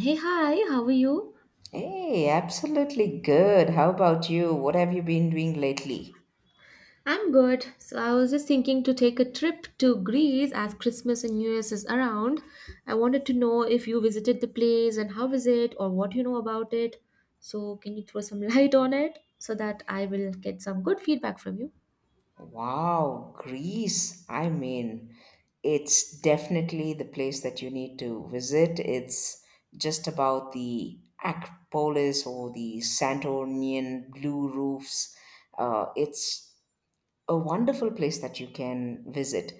Hey, hi, how are you? Hey, absolutely good. How about you? What have you been doing lately? I'm good. So, I was just thinking to take a trip to Greece as Christmas and New Year's is around. I wanted to know if you visited the place and how is it or what you know about it. So, can you throw some light on it so that I will get some good feedback from you? Wow, Greece. I mean, it's definitely the place that you need to visit. It's just about the Acropolis or the Santorinian blue roofs. It's a wonderful place that you can visit.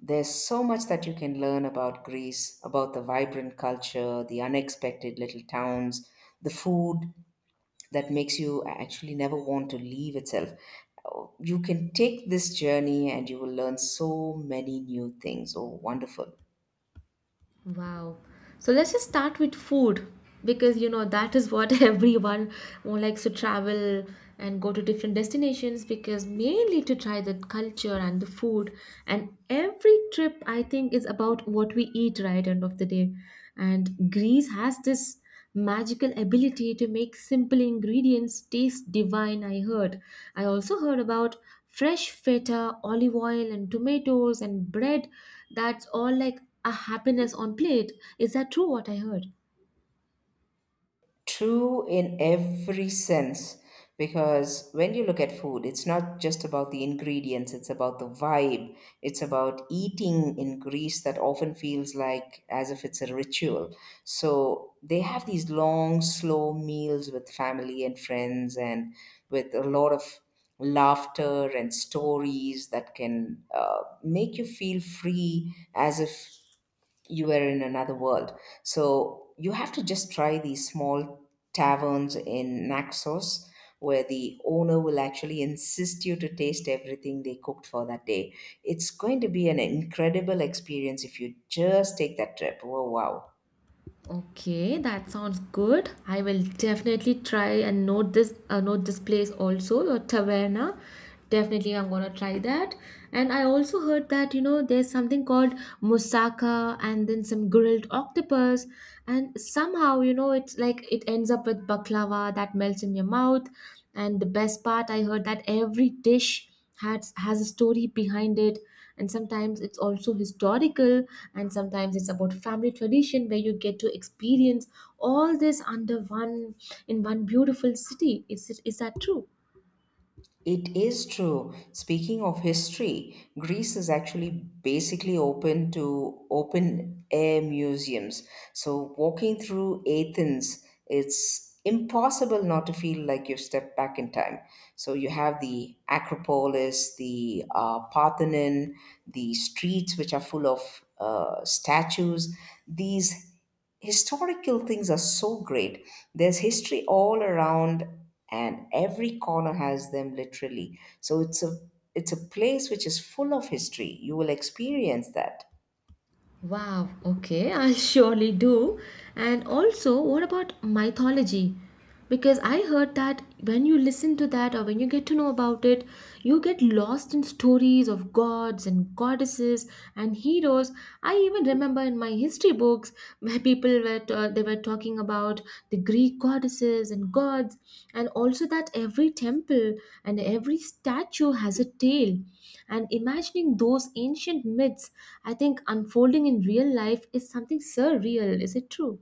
There's so much that you can learn about Greece, about the vibrant culture, the unexpected little towns, the food, that makes you actually never want to leave itself. Oh, you can take this journey and you will learn so many new things. Oh, wonderful. Wow. So let's just start with food, because you know that is what everyone who likes to travel and go to different destinations, because mainly to try the culture and the food, and every trip, I think, is about what we eat, right, end of the day. And Greece has this magical ability to make simple ingredients taste divine, I heard. I also heard about fresh feta, olive oil and tomatoes and bread. That's all like a happiness on plate. Is that true, what I heard? True in every sense, because when you look at food, it's not just about the ingredients, it's about the vibe. It's about eating in Greece that often feels like as if it's a ritual. So they have these long, slow meals with family and friends and with a lot of laughter and stories that can make you feel free as if you were in another world. So you have to just try these small taverns in Naxos where the owner will actually insist you to taste everything they cooked for that day. It's going to be an incredible experience if you just take that trip. Oh, wow. Okay, that sounds good. I will definitely try and note this place also, your taverna. Definitely, I'm gonna try that. And I also heard that, you know, there's something called moussaka and then some grilled octopus, and somehow, you know, it's like it ends up with baklava that melts in your mouth. And the best part, I heard that every dish has a story behind it, and sometimes it's also historical, and sometimes it's about family tradition, where you get to experience all this under one beautiful city. Is that true? It is true. Speaking of history, Greece is actually basically open to open air museums. So, walking through Athens, it's impossible not to feel like you've stepped back in time. So you have the Acropolis, the Parthenon, the streets which are full of statues. These historical things are so great. There's history all around, and every corner has them literally. So it's a place which is full of history. You will experience that. Wow, okay, I'll surely do. And also, what about mythology? Because I heard that when you listen to that, or when you get to know about it, you get lost in stories of gods and goddesses and heroes. I even remember in my history books, where people were talking about the Greek goddesses and gods, and also that every temple and every statue has a tale. And imagining those ancient myths, I think, unfolding in real life is something surreal. Is it true?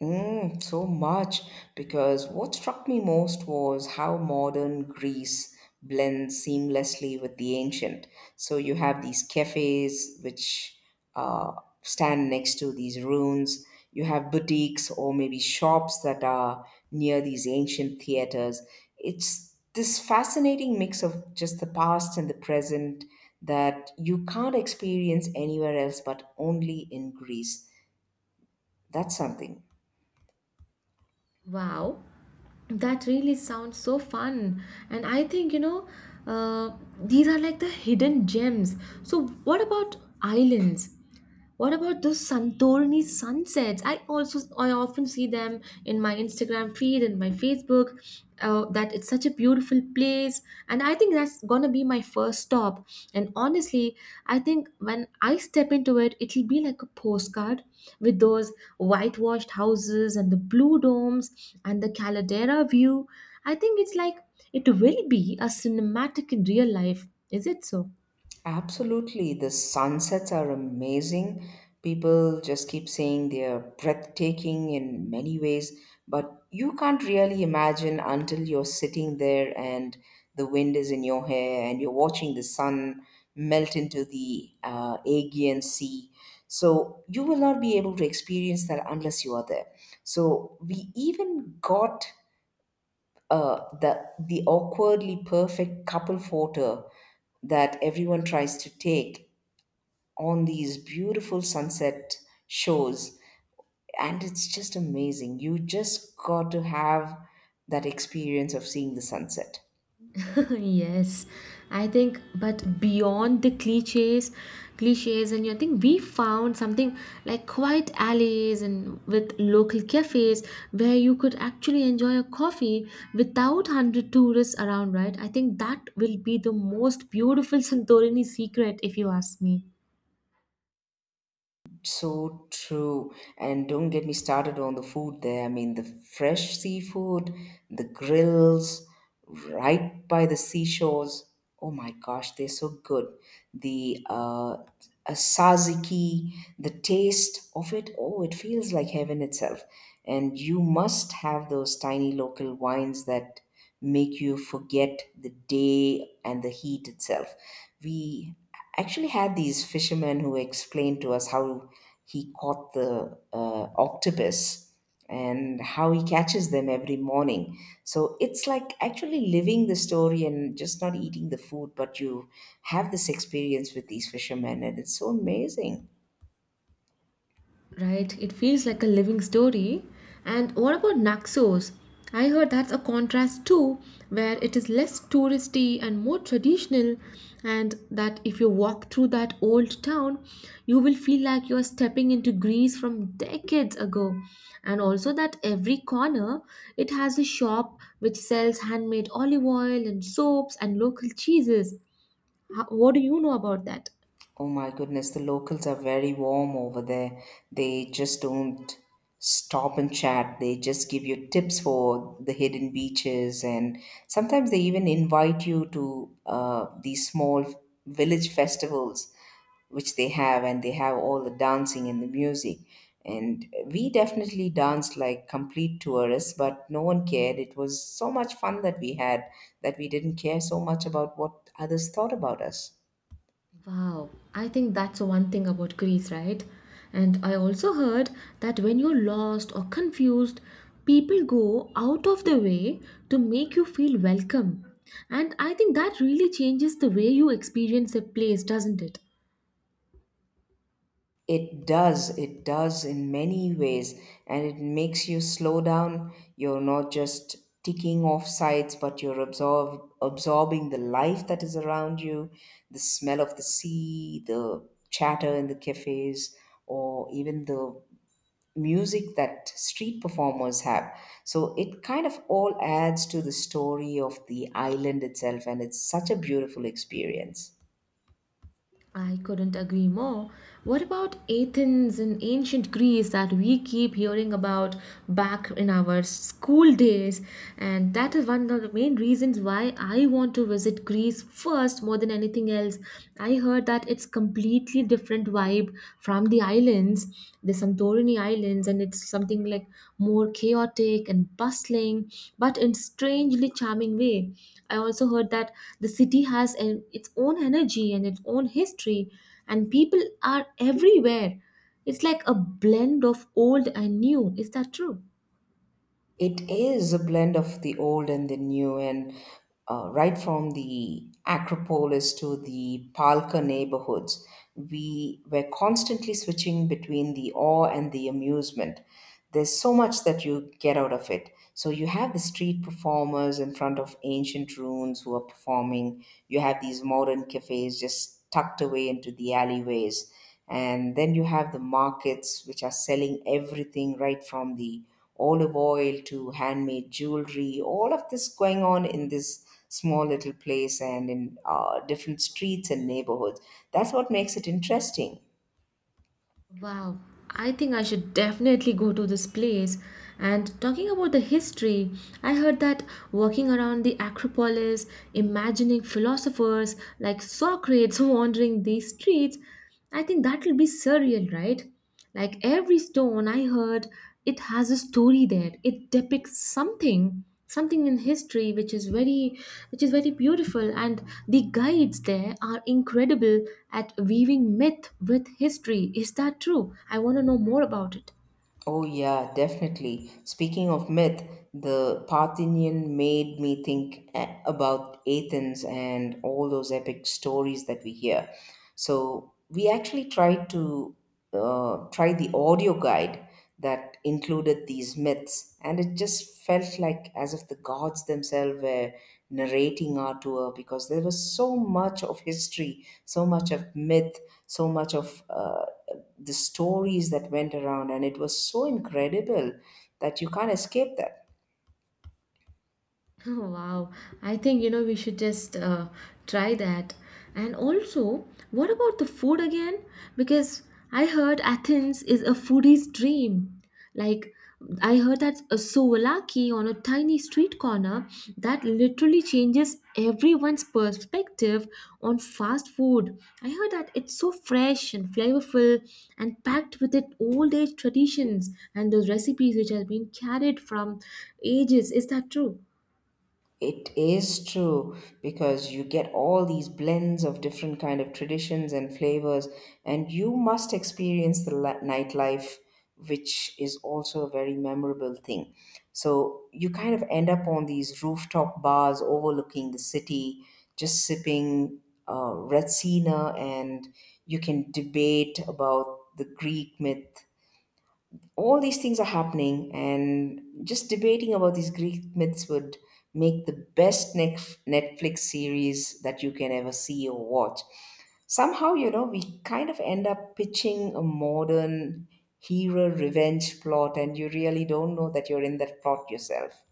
Mm, so much because what struck me most was how modern Greece blends seamlessly with the ancient. So you have these cafes which uh, stand next to these ruins. You have boutiques or maybe shops that are near these ancient theaters. It's this fascinating mix of just the past and the present that you can't experience anywhere else but only in Greece. That's something. Wow, that really sounds so fun. And I think, you know, uh, these are like the hidden gems. So, what about islands? What about those Santorini sunsets? I often see them in my Instagram feed and my Facebook. That it's such a beautiful place, and I think that's gonna be my first stop. And honestly, I think when I step into it, it'll be like a postcard, with those whitewashed houses and the blue domes and the Caldera view. I think it's like it will be a cinematic in real life. Is it so? Absolutely. The sunsets are amazing. People just keep saying they're breathtaking in many ways, but you can't really imagine until you're sitting there and the wind is in your hair and you're watching the sun melt into the Aegean Sea. So you will not be able to experience that unless you are there. So we even got the awkwardly perfect couple photo that everyone tries to take on these beautiful sunset shows, and it's just amazing. You just got to have that experience of seeing the sunset. Yes, I think, but beyond the cliches, and you think we found something like quiet alleys and with local cafes, where you could actually enjoy a coffee without 100 tourists around, right? I think that will be the most beautiful Santorini secret, if you ask me. So true. And don't get me started on the food there. I mean, the fresh seafood, the grills, right by the seashores. Oh my gosh, they're so good. The asaziki, the taste of it, oh, it feels like heaven itself. And you must have those tiny local wines that make you forget the day and the heat itself. We actually had these fishermen who explained to us how he caught the octopus and how he catches them every morning. So it's like actually living the story and just not eating the food, but you have this experience with these fishermen, and it's so amazing. Right, it feels like a living story. And what about Naxos? I heard that's a contrast too, where it is less touristy and more traditional, and that if you walk through that old town, you will feel like you're stepping into Greece from decades ago. And also that every corner, it has a shop which sells handmade olive oil and soaps and local cheeses. How, what do you know about that? Oh my goodness, the locals are very warm over there. They just don't stop and chat. They just give you tips for the hidden beaches, and sometimes they even invite you to these small village festivals which they have, and they have all the dancing and the music. And we definitely danced like complete tourists, but no one cared. It was so much fun that we had that we didn't care so much about what others thought about us. Wow, I think that's one thing about Greece, right? And I also heard that when you're lost or confused, people go out of their way to make you feel welcome. And I think that really changes the way you experience a place, doesn't it? It does in many ways, and it makes you slow down. You're not just ticking off sites, but you're absorbing the life that is around you, the smell of the sea, the chatter in the cafes, or even the music that street performers have. So it kind of all adds to the story of the island itself, and it's such a beautiful experience. I couldn't agree more. What about Athens in ancient Greece that we keep hearing about back in our school days? And that is one of the main reasons why I want to visit Greece first more than anything else. I heard that it's completely different vibe from the islands. There's Santorini Islands, and it's something like more chaotic and bustling, but in strangely charming way. I also heard that the city has its own energy and its own history, and people are everywhere. It's like a blend of old and new. Is that true? It is a blend of the old and the new, and right from the Acropolis to the Palka neighborhoods, we were constantly switching between the awe and the amusement. There's so much that you get out of it. So, you have the street performers in front of ancient ruins who are performing, you have these modern cafes just tucked away into the alleyways. And then you have the markets which are selling everything right from the olive oil to handmade jewelry, all of this going on in this small little place and in different streets and neighborhoods. That's what makes it interesting. Wow, I think I should definitely go to this place. And talking about the history, I heard that walking around the Acropolis, imagining philosophers like Socrates wandering these streets, I think that will be surreal, right? Like every stone, I heard, it has a story there. It depicts something in history, which is very beautiful, and the guides there are incredible at weaving myth with history. Is that true? I want to know more about it. Oh, yeah, definitely. Speaking of myth, the Parthian made me think about Athens and all those epic stories that we hear. So we actually tried to try the audio guide that included these myths, and it just felt like as if the gods themselves were narrating our tour because there was so much of history, so much of myth, so much of the stories that went around, and it was so incredible that you can't escape that. Oh, wow. I think, you know, we should just try that. And also, what about the food again? Because I heard Athens is a foodie's dream. Like, I heard that a souvlaki on a tiny street corner that literally changes everyone's perspective on fast food. I heard that it's so fresh and flavorful, and packed with its old age traditions and those recipes which have been carried from ages. Is that true? It is true because you get all these blends of different kind of traditions and flavors, and you must experience the nightlife, which is also a very memorable thing. So you kind of end up on these rooftop bars overlooking the city, just sipping Retsina, and you can debate about the Greek myth. All these things are happening, and just debating about these Greek myths would make the best Netflix series that you can ever see or watch. Somehow, you know, we kind of end up pitching a modern hero revenge plot, and you really don't know that you're in that plot yourself.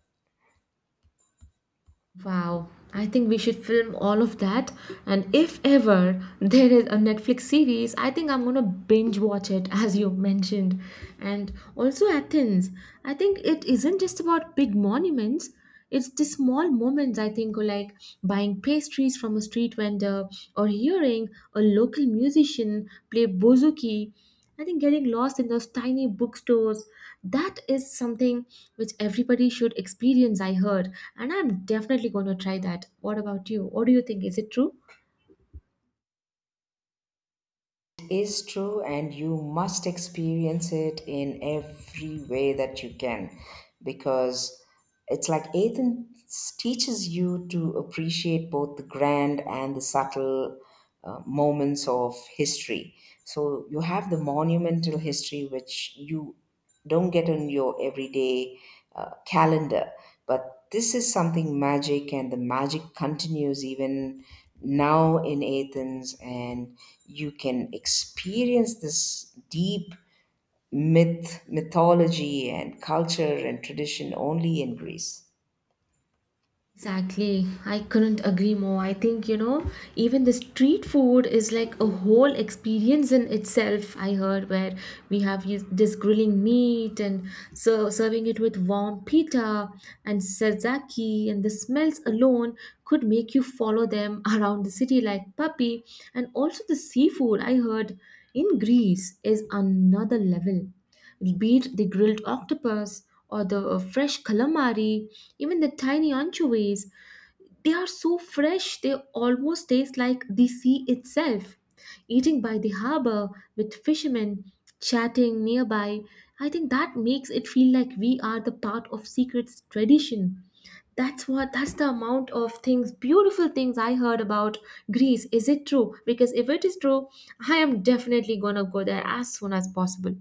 Wow, I think we should film all of that. And if ever there is a Netflix series, I think I'm gonna binge watch it as you mentioned. And also Athens, I think it isn't just about big monuments. It's the small moments, I think, like buying pastries from a street vendor, or hearing a local musician play bouzouki, I think getting lost in those tiny bookstores, that is something which everybody should experience, I heard. And I'm definitely going to try that. What about you? What do you think? Is it true? Is true and you must experience it in every way that you can, because it's like Ethan teaches you to appreciate both the grand and the subtle moments of history. So you have the monumental history, which you don't get on your everyday calendar. But this is something magic, and the magic continues even now in Athens, and you can experience this deep mythology, and culture and tradition only in Greece. Exactly. I couldn't agree more. I think, you know, even the street food is like a whole experience in itself. I heard where we have this grilling meat, and so serving it with warm pita and sazaki, and the smells alone could make you follow them around the city like puppy. And also the seafood, I heard, in Greece is another level, be it the grilled octopus or the fresh calamari, even the tiny anchovies, they are so fresh they almost taste like the sea itself. Eating by the harbor, with fishermen chatting nearby, I think that makes it feel like we are the part of secret tradition. That's the amount of things, beautiful things I heard about Greece. Is it true? Because if it is true, I am definitely gonna go there as soon as possible.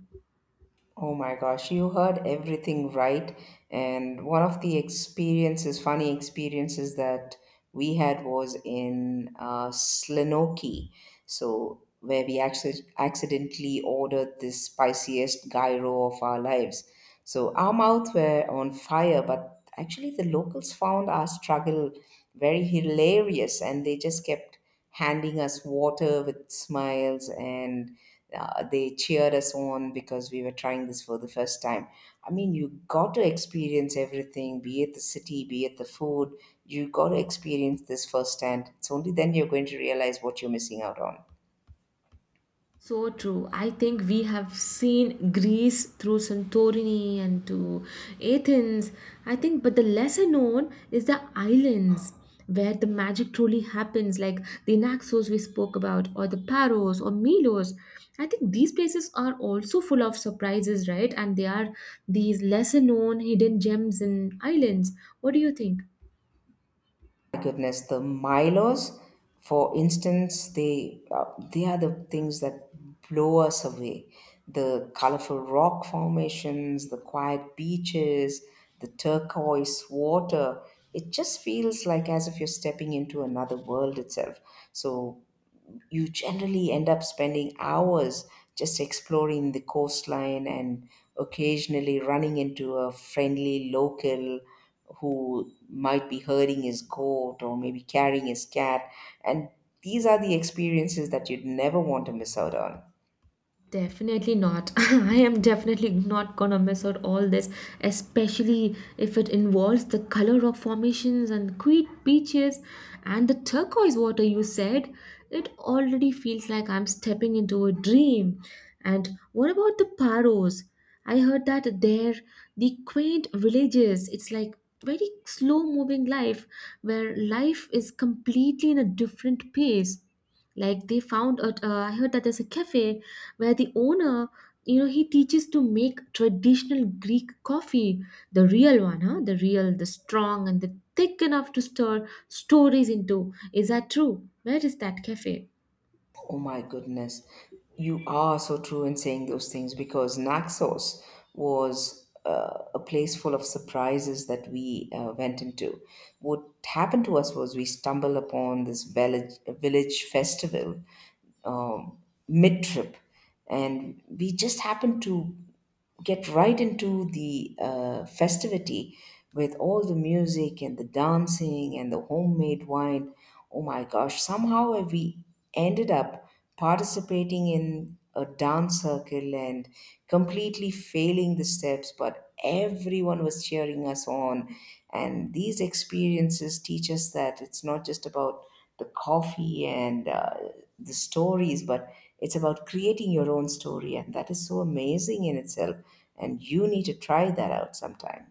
Oh my gosh, you heard everything right. And one of the experiences, funny experiences that we had was in Slenoki. So, where we actually accidentally ordered the spiciest gyro of our lives. So, our mouths were on fire, but actually, the locals found our struggle very hilarious and they just kept handing us water with smiles, and they cheered us on because we were trying this for the first time. I mean, you got to experience everything, be it the city, be it the food. You got to experience this firsthand. It's only then you're going to realize what you're missing out on. So true. I think we have seen Greece through Santorini and to Athens. I think, but the lesser known is the islands, where the magic truly happens, like the Naxos we spoke about, or the Paros or Milos. I think these places are also full of surprises, right? And they are these lesser known hidden gems in islands. What do you think? Goodness, the Milos, for instance, they are the things that blow us away. The colorful rock formations, the quiet beaches, the turquoise water. It just feels like as if you're stepping into another world itself. So you generally end up spending hours just exploring the coastline and occasionally running into a friendly local who might be herding his goat or maybe carrying his cat. And these are the experiences that you'd never want to miss out on. Definitely not. I am definitely not gonna miss out all this, especially if it involves the color rock formations and quiet beaches and the turquoise water you said. It already feels like I'm stepping into a dream. And what about the paros? I heard that they're the quaint villages. It's like very slow moving life, where life is completely in a different pace. Like they found out, I heard that there's a cafe where the owner, you know, he teaches to make traditional Greek coffee. The real one, huh? The real, the strong and the thick enough to stir stories into. Is that true? Where is that cafe? Oh my goodness. You are so true in saying those things because Naxos was a place full of surprises that we went into. What happened to us was we stumbled upon this village festival um, mid trip, and we just happened to get right into the festivity with all the music and the dancing and the homemade wine. Oh my gosh, somehow we ended up participating in a dance circle and completely failing the steps, but everyone was cheering us on. And these experiences teach us that it's not just about the coffee and the stories, but it's about creating your own story. And that is so amazing in itself. And you need to try that out sometime.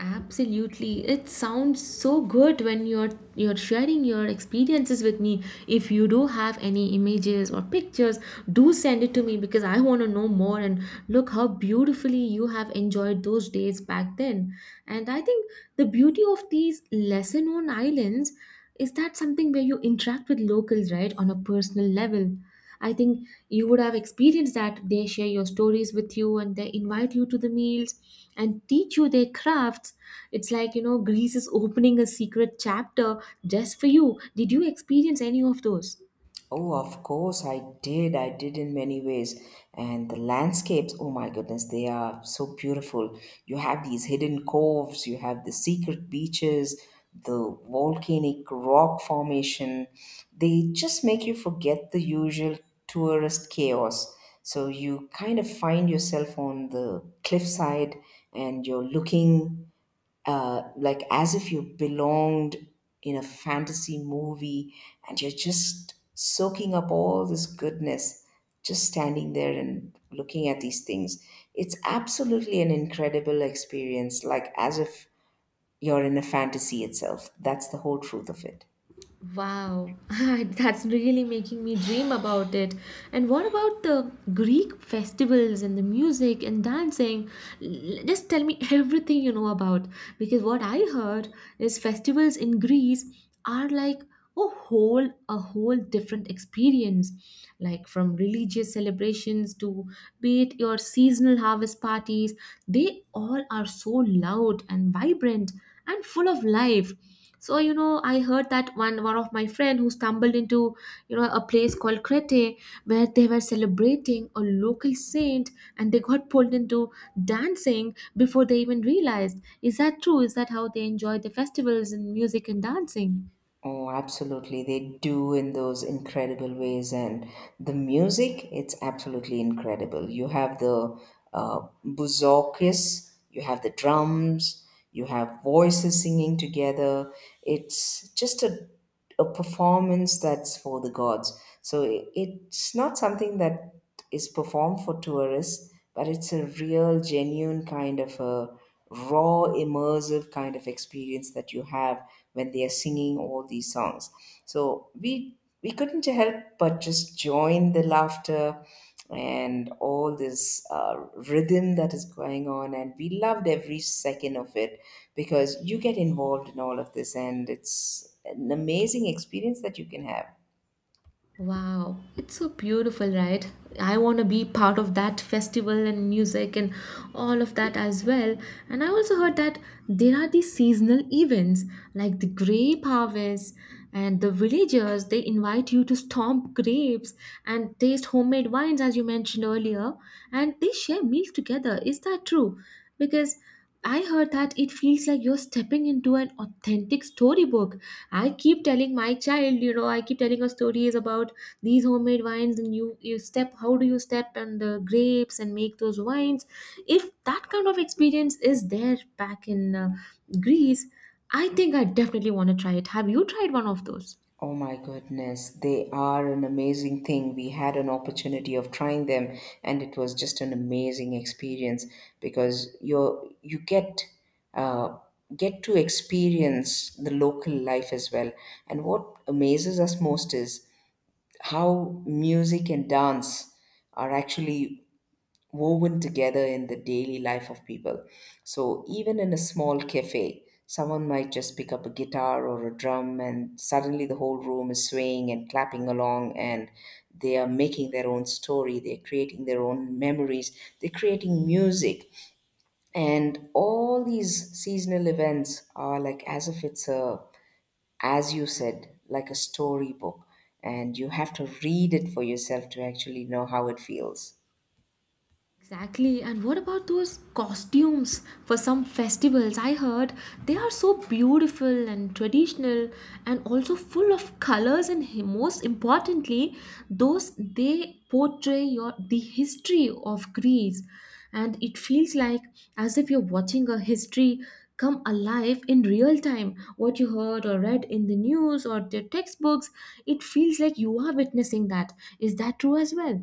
Absolutely. It sounds so good when you're sharing your experiences with me. If you do have any images or pictures, do send it to me, because I want to know more and look how beautifully you have enjoyed those days back then. And I think the beauty of these lesser known islands is that something where you interact with locals, right, on a personal level. I think you would have experienced that they share your stories with you, and they invite you to the meals and teach you their crafts. It's like, you know, Greece is opening a secret chapter just for you. Did you experience any of those? Oh, of course, I did. I did in many ways. And the landscapes, oh my goodness, they are so beautiful. You have these hidden coves, you have the secret beaches, the volcanic rock formation. They just make you forget the usual tourist chaos. So you kind of find yourself on the cliffside and you're looking like as if you belonged in a fantasy movie, and you're just soaking up all this goodness, just standing there and looking at these things. It's absolutely an incredible experience, like as if you're in a fantasy itself. That's the whole truth of it. Wow, that's really making me dream about it. And what about the Greek festivals and the music and dancing? Just tell me everything you know about. Because what I heard is festivals in Greece are like a whole different experience, like from religious celebrations to, be it your seasonal harvest parties, they all are so loud and vibrant and full of life. So, you know, I heard that one of my friend who stumbled into, you know, a place called Crete, where they were celebrating a local saint, and they got pulled into dancing before they even realized. Is that true? Is that how they enjoy the festivals and music and dancing? Oh, absolutely. They do in those incredible ways. And the music, it's absolutely incredible. You have the uh, buzokis, you have the drums, you have voices singing together. It's just a performance that's for the gods. It's not something that is performed for tourists, but it's a real, genuine kind of a raw immersive kind of experience that you have when they are singing all these songs. So we couldn't help but just join the laughter and all this rhythm that is going on, and we loved every second of it because you get involved in all of this and it's an amazing experience that you can have. Wow, it's so beautiful, right? I want to be part of that festival and music and all of that as well. And I also heard that there are these seasonal events like the grape harvest, and the villagers they invite you to stomp grapes and taste homemade wines, as you mentioned earlier, and they share meals together. Is that true? Because I heard that it feels like you're stepping into an authentic storybook. I keep telling my child, you know, I keep telling her stories about these homemade wines and you step how do you step on the grapes and make those wines. If that kind of experience is there back in Greece, I think I definitely want to try it. Have you tried one of those? Oh my goodness, they are an amazing thing. We had an opportunity of trying them, and it was just an amazing experience because you you get uh, get to experience the local life as well. And what amazes us most is how music and dance are actually woven together in the daily life of people. So even in a small cafe, someone might just pick up a guitar or a drum, and suddenly the whole room is swaying and clapping along, and they are making their own story, they're creating their own memories, they're creating music. And all these seasonal events are like, as if it's as you said, like a storybook. And you have to read it for yourself to actually know how it feels. Exactly. And what about those costumes for some festivals? I heard they are so beautiful and traditional and also full of colors and most importantly, those they portray your the history of Greece, and it feels like as if you're watching a history come alive in real time. What you heard or read in the news or the textbooks, it feels like you are witnessing that. Is that true as well?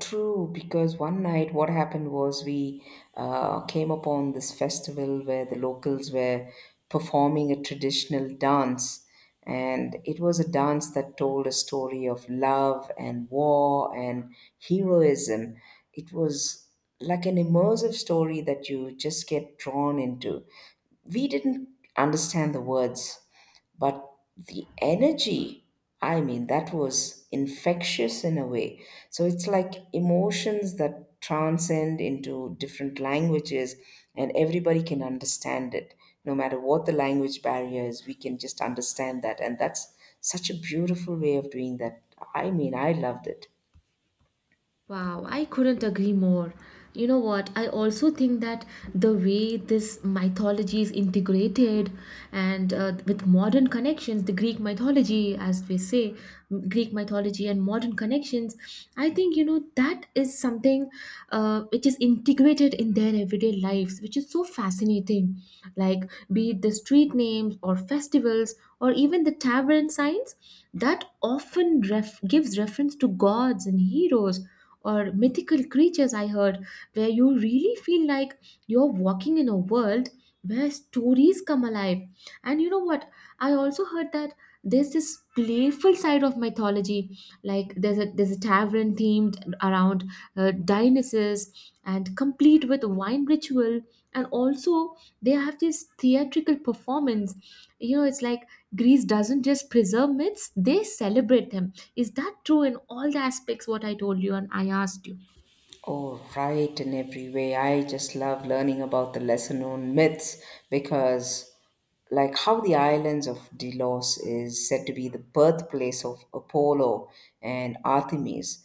True, because one night what happened was we came upon this festival where the locals were performing a traditional dance. And it was a dance that told a story of love and war and heroism. It was like an immersive story that you just get drawn into. We didn't understand the words, but the energy, I mean, that was infectious in a way. So it's like emotions that transcend into different languages, and everybody can understand it no matter what the language barrier is. We can just understand that, and that's such a beautiful way of doing that. I mean, I loved it. Wow, I couldn't agree more. You know what? I also think that the way this mythology is integrated and with modern connections, the Greek mythology, as we say, Greek mythology and modern connections, I think, you know, that is something which is integrated in their everyday lives, which is so fascinating. Like, be it the street names or festivals or even the tavern signs, that often gives reference to gods and heroes or mythical creatures I heard, where you really feel like you're walking in a world where stories come alive. And you know what? I also heard that there's this playful side of mythology. Like there's a tavern themed around Dionysus and complete with wine ritual. And also they have this theatrical performance. You know, it's like Greece doesn't just preserve myths, they celebrate them. Is that true in all the aspects what I told you and I asked you? Oh, right, in every way. I just love learning about the lesser known myths because, like, how the islands of Delos is said to be the birthplace of Apollo and Artemis.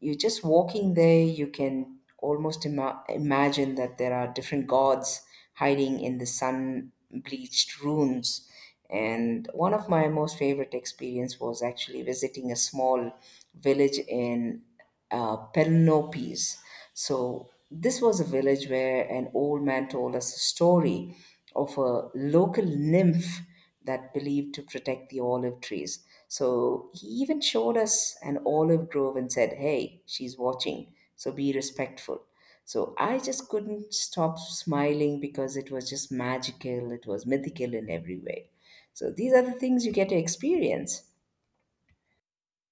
You are just walking there, you can almost imagine that there are different gods hiding in the sun bleached ruins. And one of my most favorite experience was actually visiting a small village in Peloponnese. So this was a village where an old man told us a story of a local nymph that believed to protect the olive trees. So he even showed us an olive grove and said, "Hey, she's watching, so be respectful." So I just couldn't stop smiling because it was just magical, it was mythical in every way. So these are the things you get to experience.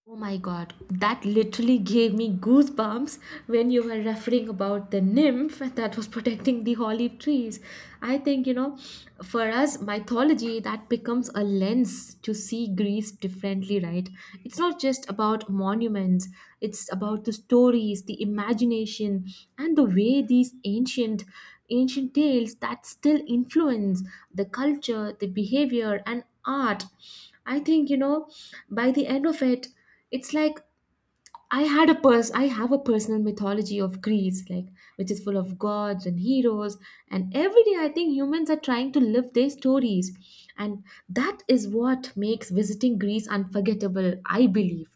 Oh my god, that literally gave me goosebumps when you were referring about the nymph that was protecting the olive trees. I think, you know, for us, mythology, that becomes a lens to see Greece differently, right? It's not just about monuments, it's about the stories, the imagination, and the way these ancient tales that still influence the culture, the behavior, and art. I think, you know, by the end of it, it's like I have a personal mythology of Greece, like, which is full of gods and heroes, and every day I think humans are trying to live their stories, and that is what makes visiting Greece unforgettable, I believe.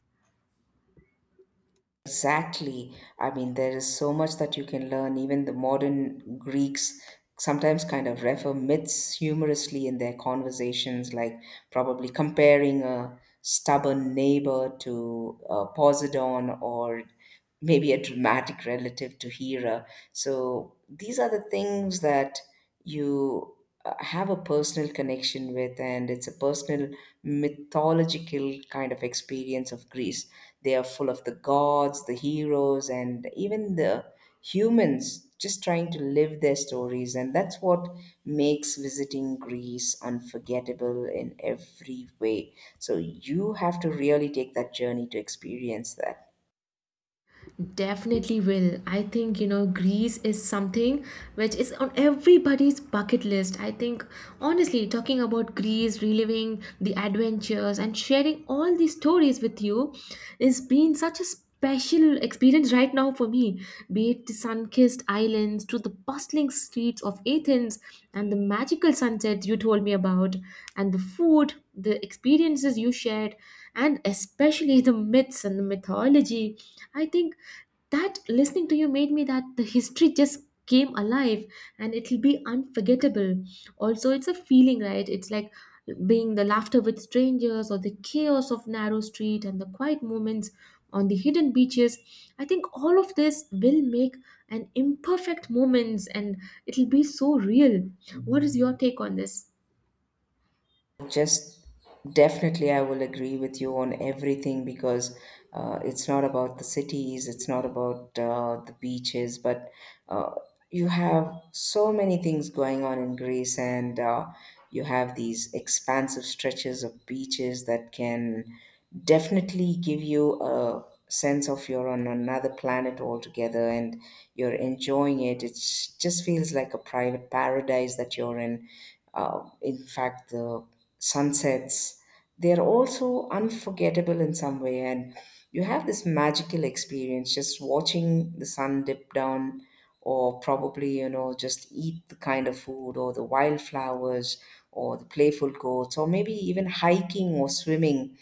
Exactly. I mean, there is so much that you can learn. Even the modern Greeks sometimes kind of refer myths humorously in their conversations, like probably comparing a stubborn neighbor to Poseidon, or maybe a dramatic relative to Hera. So these are the things that you have a personal connection with, and it's a personal mythological kind of experience of Greece. They are full of the gods, the heroes, and even the humans just trying to live their stories. And that's what makes visiting Greece unforgettable in every way. So you have to really take that journey to experience that. Definitely will. I think, you know, Greece is something which is on everybody's bucket list. I think, honestly, talking about Greece, reliving the adventures, and sharing all these stories with you is been such a special experience right now for me. Be it the sun kissed islands, to the bustling streets of Athens, and the magical sunsets you told me about, and the food, the experiences you shared, and especially the myths and the mythology, I think that listening to you made me that the history just came alive and it'll be unforgettable. Also, it's a feeling, right? It's like being the laughter with strangers or the chaos of narrow street and the quiet moments on the hidden beaches. I think all of this will make an imperfect moments and it'll be so real. What is your take on this? Just definitely, I will agree with you on everything because it's not about the cities, it's not about the beaches, but uh, you have so many things going on in Greece, and you have these expansive stretches of beaches that can definitely give you a sense of you're on another planet altogether and you're enjoying it. It just feels like a private paradise that you're in. In fact, the sunsets, they're also unforgettable in some way. And you have this magical experience just watching the sun dip down, or probably, you know, just eat the kind of food, or the wildflowers, or the playful goats, or maybe even hiking or swimming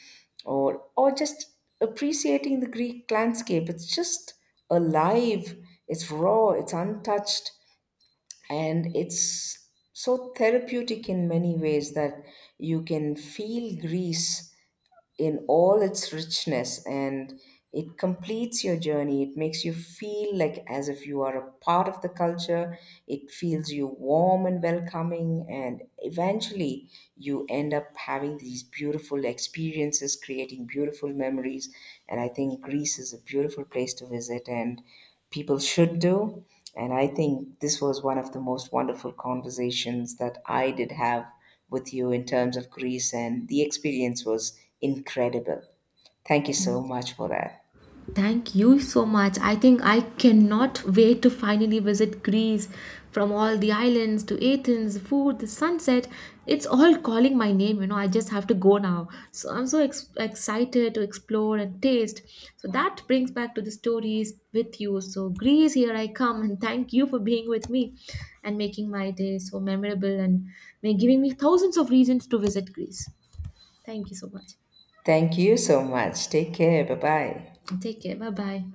or just appreciating the Greek landscape. It's just alive, it's raw, it's untouched, and it's so therapeutic in many ways that you can feel Greece in all its richness, and it completes your journey. It makes you feel like as if you are a part of the culture. It feels you warm and welcoming, and eventually you end up having these beautiful experiences, creating beautiful memories. And I think Greece is a beautiful place to visit, and people should do. And I think this was one of the most wonderful conversations that I did have with you in terms of Greece, and the experience was incredible. Thank you so much for that. Thank you so much. I think I cannot wait to finally visit Greece. From all the islands to Athens, food, the sunset, it's all calling my name. You know, I just have to go now. So I'm so excited to explore and taste. So that brings back to the stories with you. So, Greece, here I come, and thank you for being with me and making my day so memorable and giving me thousands of reasons to visit Greece. Thank you so much. Thank you so much. Take care. Bye bye. Take care. Bye bye.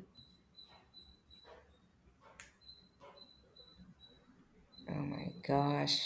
Oh my gosh.